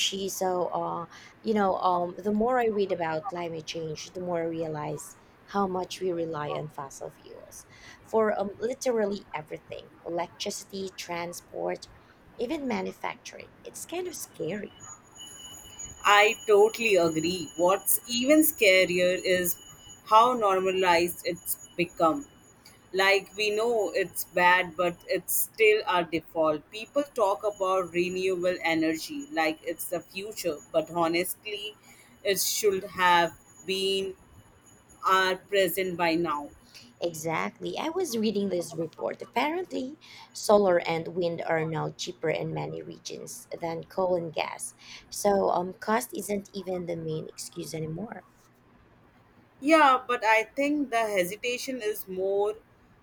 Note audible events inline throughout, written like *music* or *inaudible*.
She so you know the more I read about climate change, the more I realize how much we rely on fossil fuels for literally everything: electricity, transport, even manufacturing. It's kind of scary. I totally agree. What's even scarier is how normalized it's become. Like, we know it's bad, but it's still our default. People talk about renewable energy like it's the future, but honestly, it should have been our present by now. Exactly. I was reading this report. Apparently, solar and wind are now cheaper in many regions than coal and gas. So, cost isn't even the main excuse anymore. Yeah, but I think the hesitation is more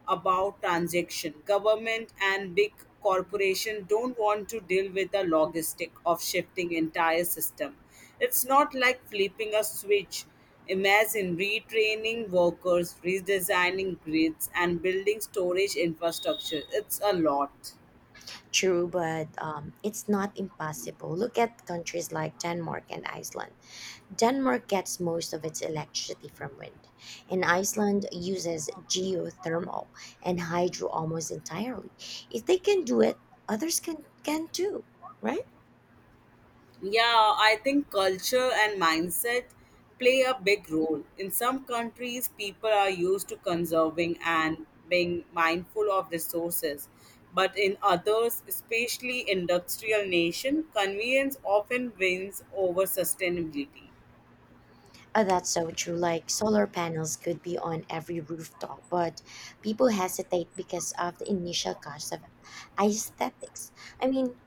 about transaction. Government and big corporation don't want to deal with the logistic of shifting entire system. It's not like flipping a switch. Imagine retraining workers, redesigning grids, and building storage infrastructure. It's a lot. True, but it's not impossible. Look at countries like Denmark and Iceland. Denmark gets most of its electricity from wind, and Iceland uses geothermal and hydro almost entirely. If they can do it, others can too, right? Yeah, I think culture and mindset play a big role. In some countries, people are used to conserving and being mindful of resources. But in others, especially industrial nation, convenience often wins over sustainability. That's so true. Like solar panels could be on every rooftop, but people hesitate because of the initial cost of aesthetics. I mean,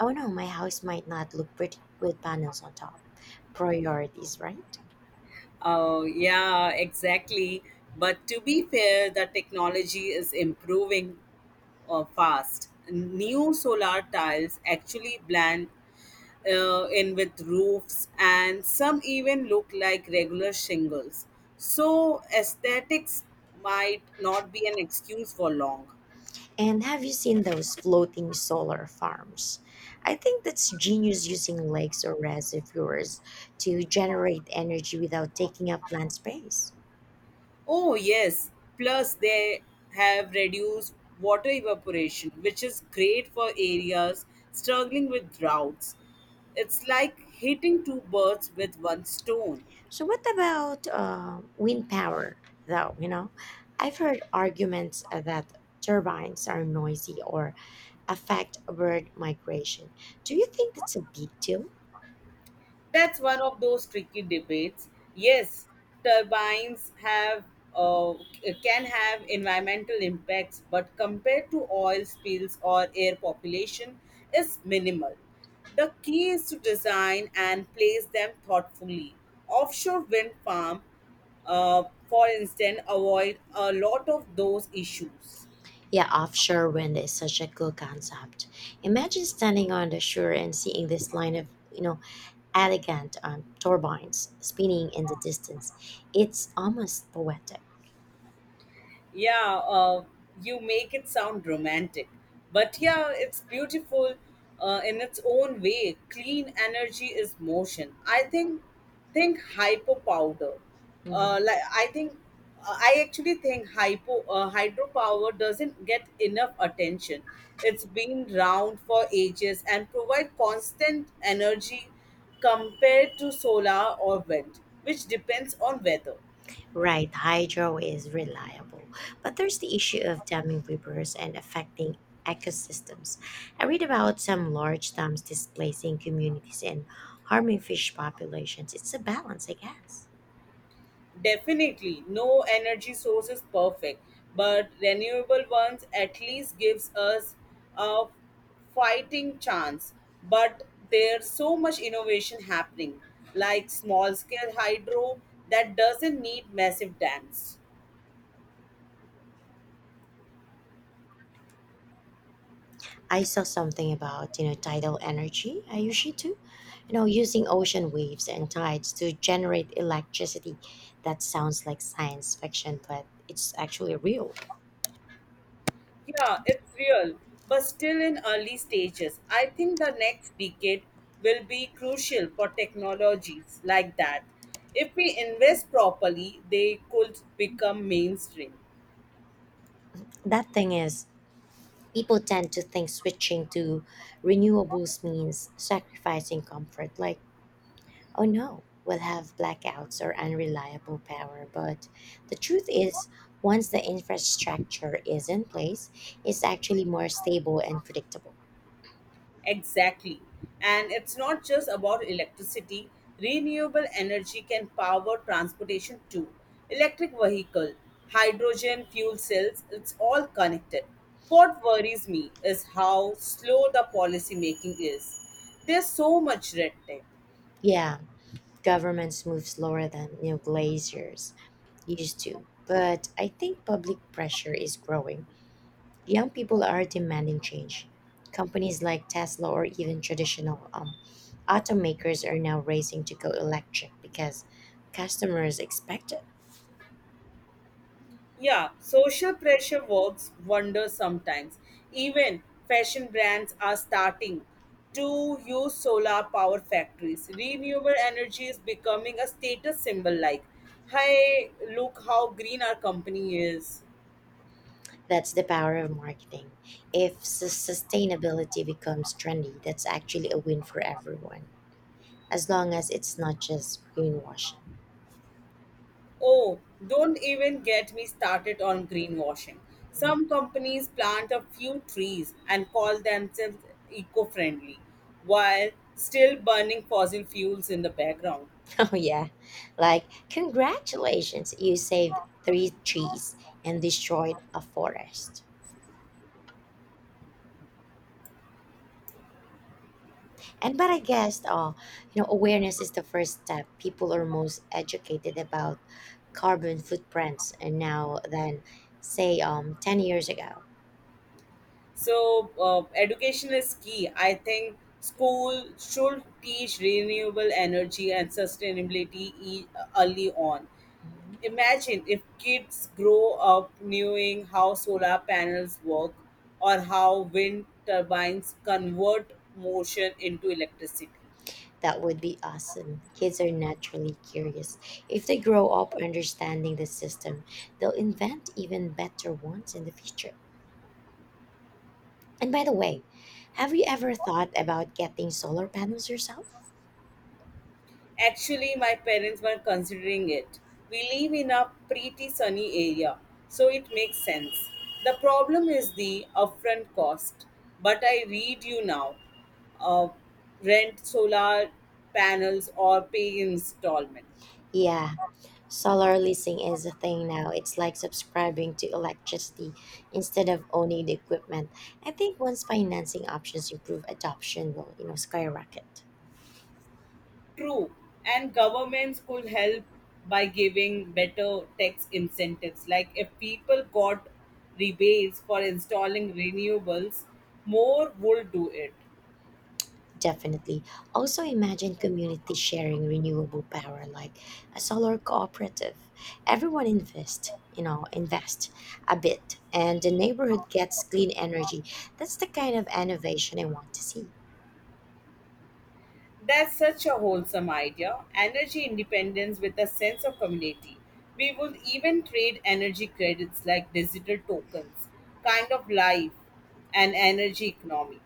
oh no, my house might not look pretty with panels on top. Priorities, right? Oh, yeah, exactly. But to be fair, the technology is improving fast. New solar tiles actually blend in with roofs, and some even look like regular shingles. So, aesthetics might not be an excuse for long. And have you seen those floating solar farms? I think that's genius using lakes or reservoirs to generate energy without taking up land space. Oh, yes. Plus, they have reduced water evaporation, which is great for areas struggling with droughts. It's like hitting two birds with one stone. So, what about wind power, though? You know, I've heard arguments that turbines are noisy or affect bird migration. Do you think that's a big deal? That's one of those tricky debates. Yes, turbines have uh, can have environmental impacts, but compared to oil spills or air population, is minimal. The key is to design and place them thoughtfully. Offshore wind farm, uh, for instance, avoid a lot of those issues. Yeah, offshore wind is such a cool concept. Imagine standing on the shore and seeing this line of elegant turbines spinning in the distance. It's almost poetic. Yeah, you make it sound romantic, but yeah, it's beautiful in its own way. Clean energy is motion. I think hypo powder Mhm. like I think I actually think hypo hydropower doesn't get enough attention. It's been round for ages and provide constant energy compared to solar or wind, which depends on weather. Right, hydro is reliable, but there's the issue of damming rivers and affecting ecosystems. I read about some large dams displacing communities and harming fish populations. It's a balance, I guess. Definitely, no energy source is perfect, but renewable ones at least gives us a fighting chance. But there's so much innovation happening, like small scale hydro that doesn't need massive dams. I saw something about tidal energy. I usually do, using ocean waves and tides to generate electricity. That sounds like science fiction, but it's actually real. Yeah, it's real, but still in early stages. I think the next decade will be crucial for technologies like that. If we invest properly, they could become mainstream. That thing is, people tend to think switching to renewables means sacrificing comfort. Like, oh no, we'll have blackouts or unreliable power. But the truth is, once the infrastructure is in place, it's actually more stable and predictable. Exactly. And it's not just about electricity. Renewable energy can power transportation too. Electric vehicle, hydrogen fuel cells, it's all connected. What worries me is how slow the policy making is. There's so much red tape. Yeah, governments move slower than glaciers used to, but I think public pressure is growing. Young people are demanding change. Companies like Tesla or even traditional automakers are now racing to go electric because customers expect it. Yeah, social pressure works wonders sometimes. Even fashion brands are starting to use solar power factories. Renewable energy is becoming a status symbol like, hey, look how green our company is. That's the power of marketing. If sustainability becomes trendy, that's actually a win for everyone as long as it's not just greenwashing. Oh, don't even get me started on greenwashing. Mm. Some companies plant a few trees and call themselves eco friendly while still burning fossil fuels in the background. *laughs* Oh, yeah. Like, congratulations, you saved three trees and destroyed a forest. And but I guess, awareness is the first step. People are most educated about carbon footprints and now than, say, 10 years ago. So, education is key. I think school should teach renewable energy and sustainability early on. Mhm. Imagine if kids grow up knowing how solar panels work or how wind turbines convert motion into electricity. That would be awesome. Kids are naturally curious. If they grow up understanding the system, they'll invent even better ones in the future. And by the way, have you ever thought about getting solar panels yourself? Actually, my parents were considering it. We live in a pretty sunny area, so it makes sense. The problem is the upfront cost. But I read you now. Uh, Rent solar panels or pay installment. Yeah, solar leasing is a thing now. It's like subscribing to electricity instead of owning the equipment. I think once financing options improve, adoption will skyrocket. True, and governments could help by giving better tax incentives. Like if people got rebates for installing renewables, more would do it. Definitely. Also, imagine community sharing renewable power like a solar cooperative. Everyone invest a bit, and the neighborhood gets clean energy. That's the kind of innovation I want to see. That's such a wholesome idea. Energy independence with a sense of community. We would even trade energy credits like digital tokens, kind of life and energy economy.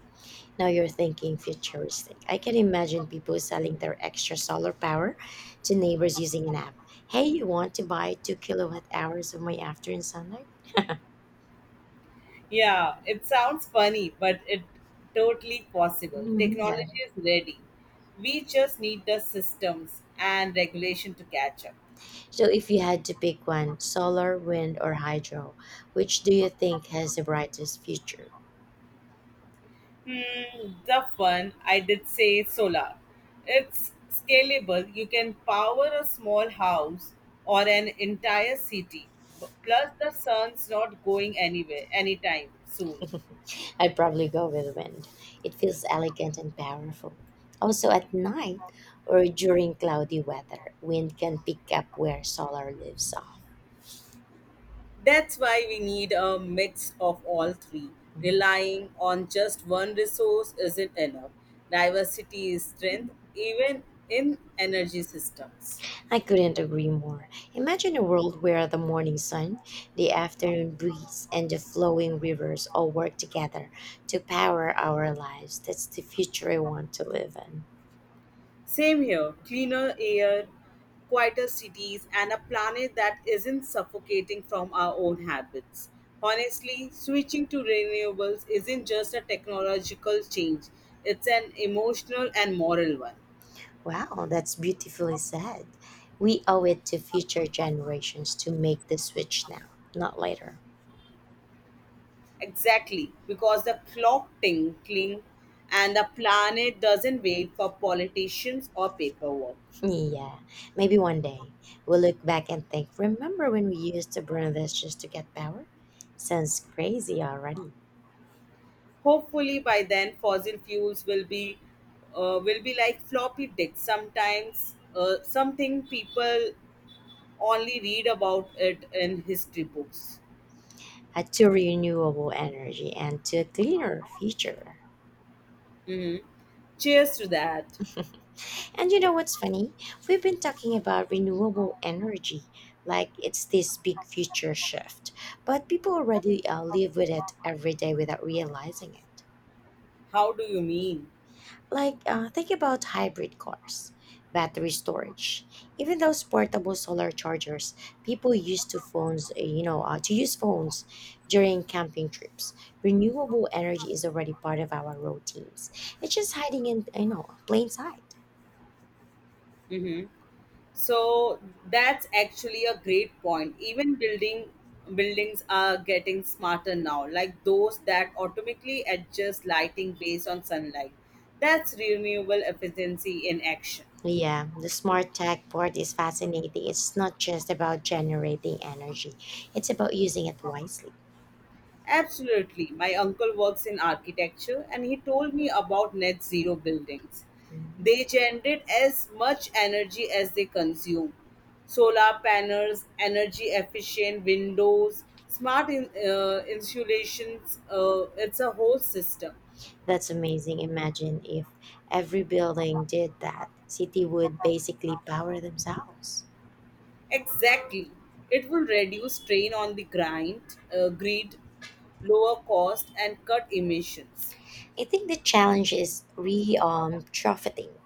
Now you're thinking futuristic. I can imagine people selling their extra solar power to neighbors using an app. Hey, you want to buy 2 kWh of my afternoon sunlight? Yeah, it sounds funny, but it totally possible. Mhm. Technology is ready. We just need the systems and regulation to catch up. So, if you had to pick one, solar, wind, or hydro, which do you think has the brightest future? Hmm, the fun I did say solar. It's scalable. You can power a small house or an entire city. Plus, the sun's not going anywhere anytime soon. I'd probably go with wind. It feels elegant and powerful. Also, at night or during cloudy weather, wind can pick up where solar leaves off. That's why we need a mix of all three. Mm-hmm. Relying on just one resource isn't enough. Diversity is strength, even in energy systems. I couldn't agree more. Imagine a world where the morning sun, the afternoon breeze, and the flowing rivers all work together to power our lives. That's the future I want to live in. Same here. Cleaner air, quieter cities, and a planet that isn't suffocating from our own habits. Honestly, switching to renewables isn't just a technological change, it's an emotional and moral one. Wow, that's beautifully said. We owe it to future generations to make the switch now, not later. Exactly, because the clock tinkling and the planet doesn't wait for politicians or paperwork. *laughs* Yeah, maybe one day we'll look back and think, remember when we used to burn this just to get power? Sounds crazy already. Hopefully by then fossil fuels will be like floppy disks. Sometimes something people only read about it in history books. To renewable energy and to a cleaner future. Hmm. Cheers to that. And you know what's funny? We've been talking about renewable energy like it's this big future shift, but people already live with it every day without realizing it. How do you mean? Like, think about hybrid cars, battery storage, even those portable solar chargers. People use to phones, you know, to use phones during camping trips. Renewable energy is already part of our routines. It's just hiding in plain sight. Hmm. So that's actually a great point. Even buildings are getting smarter now, like those that automatically adjust lighting based on sunlight. That's renewable efficiency in action. Yeah, the smart tech part is fascinating. It's not just about generating energy; it's about using it wisely. Absolutely. My uncle works in architecture and he told me about net zero buildings. Mhm. They generate as much energy as they consume. Solar panels, energy efficient windows, insulations, it's a whole system. That's amazing. Imagine if every building did that. City would basically power themselves. Exactly. It will reduce strain on grid, lower cost, and cut emissions. I think the challenge is re retrofitting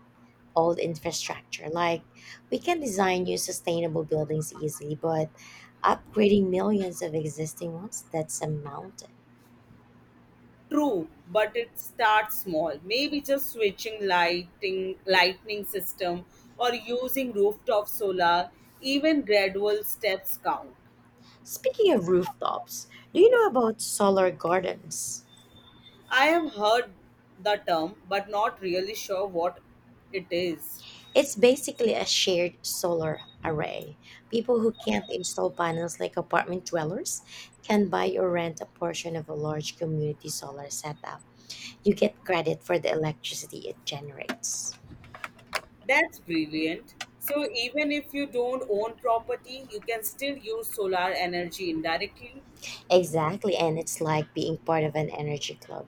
old infrastructure. Like we can design new sustainable buildings easily, but upgrading millions of existing ones, that's a mountain. True, but it starts small. Maybe just switching lightning system, or using rooftop solar. Even gradual steps count. Speaking of rooftops, do you know about solar gardens? I have heard the term, but not really sure what it is. It's basically a shared solar array. People who can't install panels like apartment dwellers can buy or rent a portion of a large community solar setup. You get credit for the electricity it generates. That's brilliant. So even if you don't own property, you can still use solar energy indirectly. Exactly, and it's like being part of an energy club.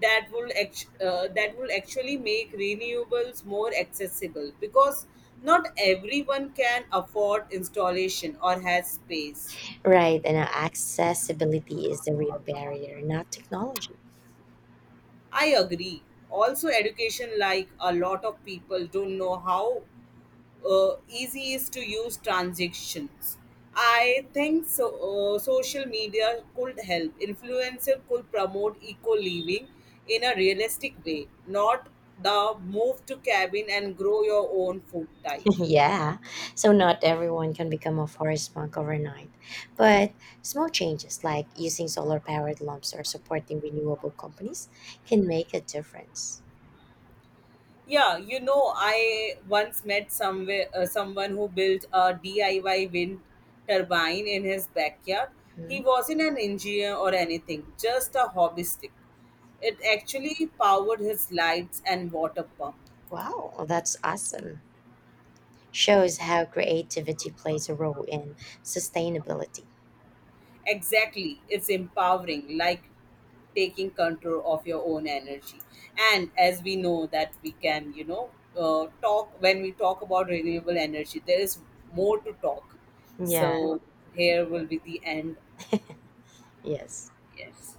That will actually make renewables more accessible, because not everyone can afford installation or has space. Right, and accessibility is the real barrier, not technology. I agree. Also education, like a lot of people don't know how easy is to use transactions. I think so, social media could help. Influencer could promote eco living in a realistic way, not the move to cabin and grow your own food type. Yeah, so not everyone can become a forest monk overnight, but small changes like using solar powered lamps or supporting renewable companies can make a difference. Yeah, you know, I once met somewhere someone who built a DIY wind turbine in his backyard. He Mhm. wasn't an engineer or anything, just a hobbyist. It actually powered his lights and water pump. Wow, that's awesome. Shows how creativity plays a role in sustainability. Exactly. It's empowering, like taking control of your own energy. And as we know that we can, you know, talk when we talk about renewable energy, there is more to talk. Yeah, So here will be the end. yes. Yes.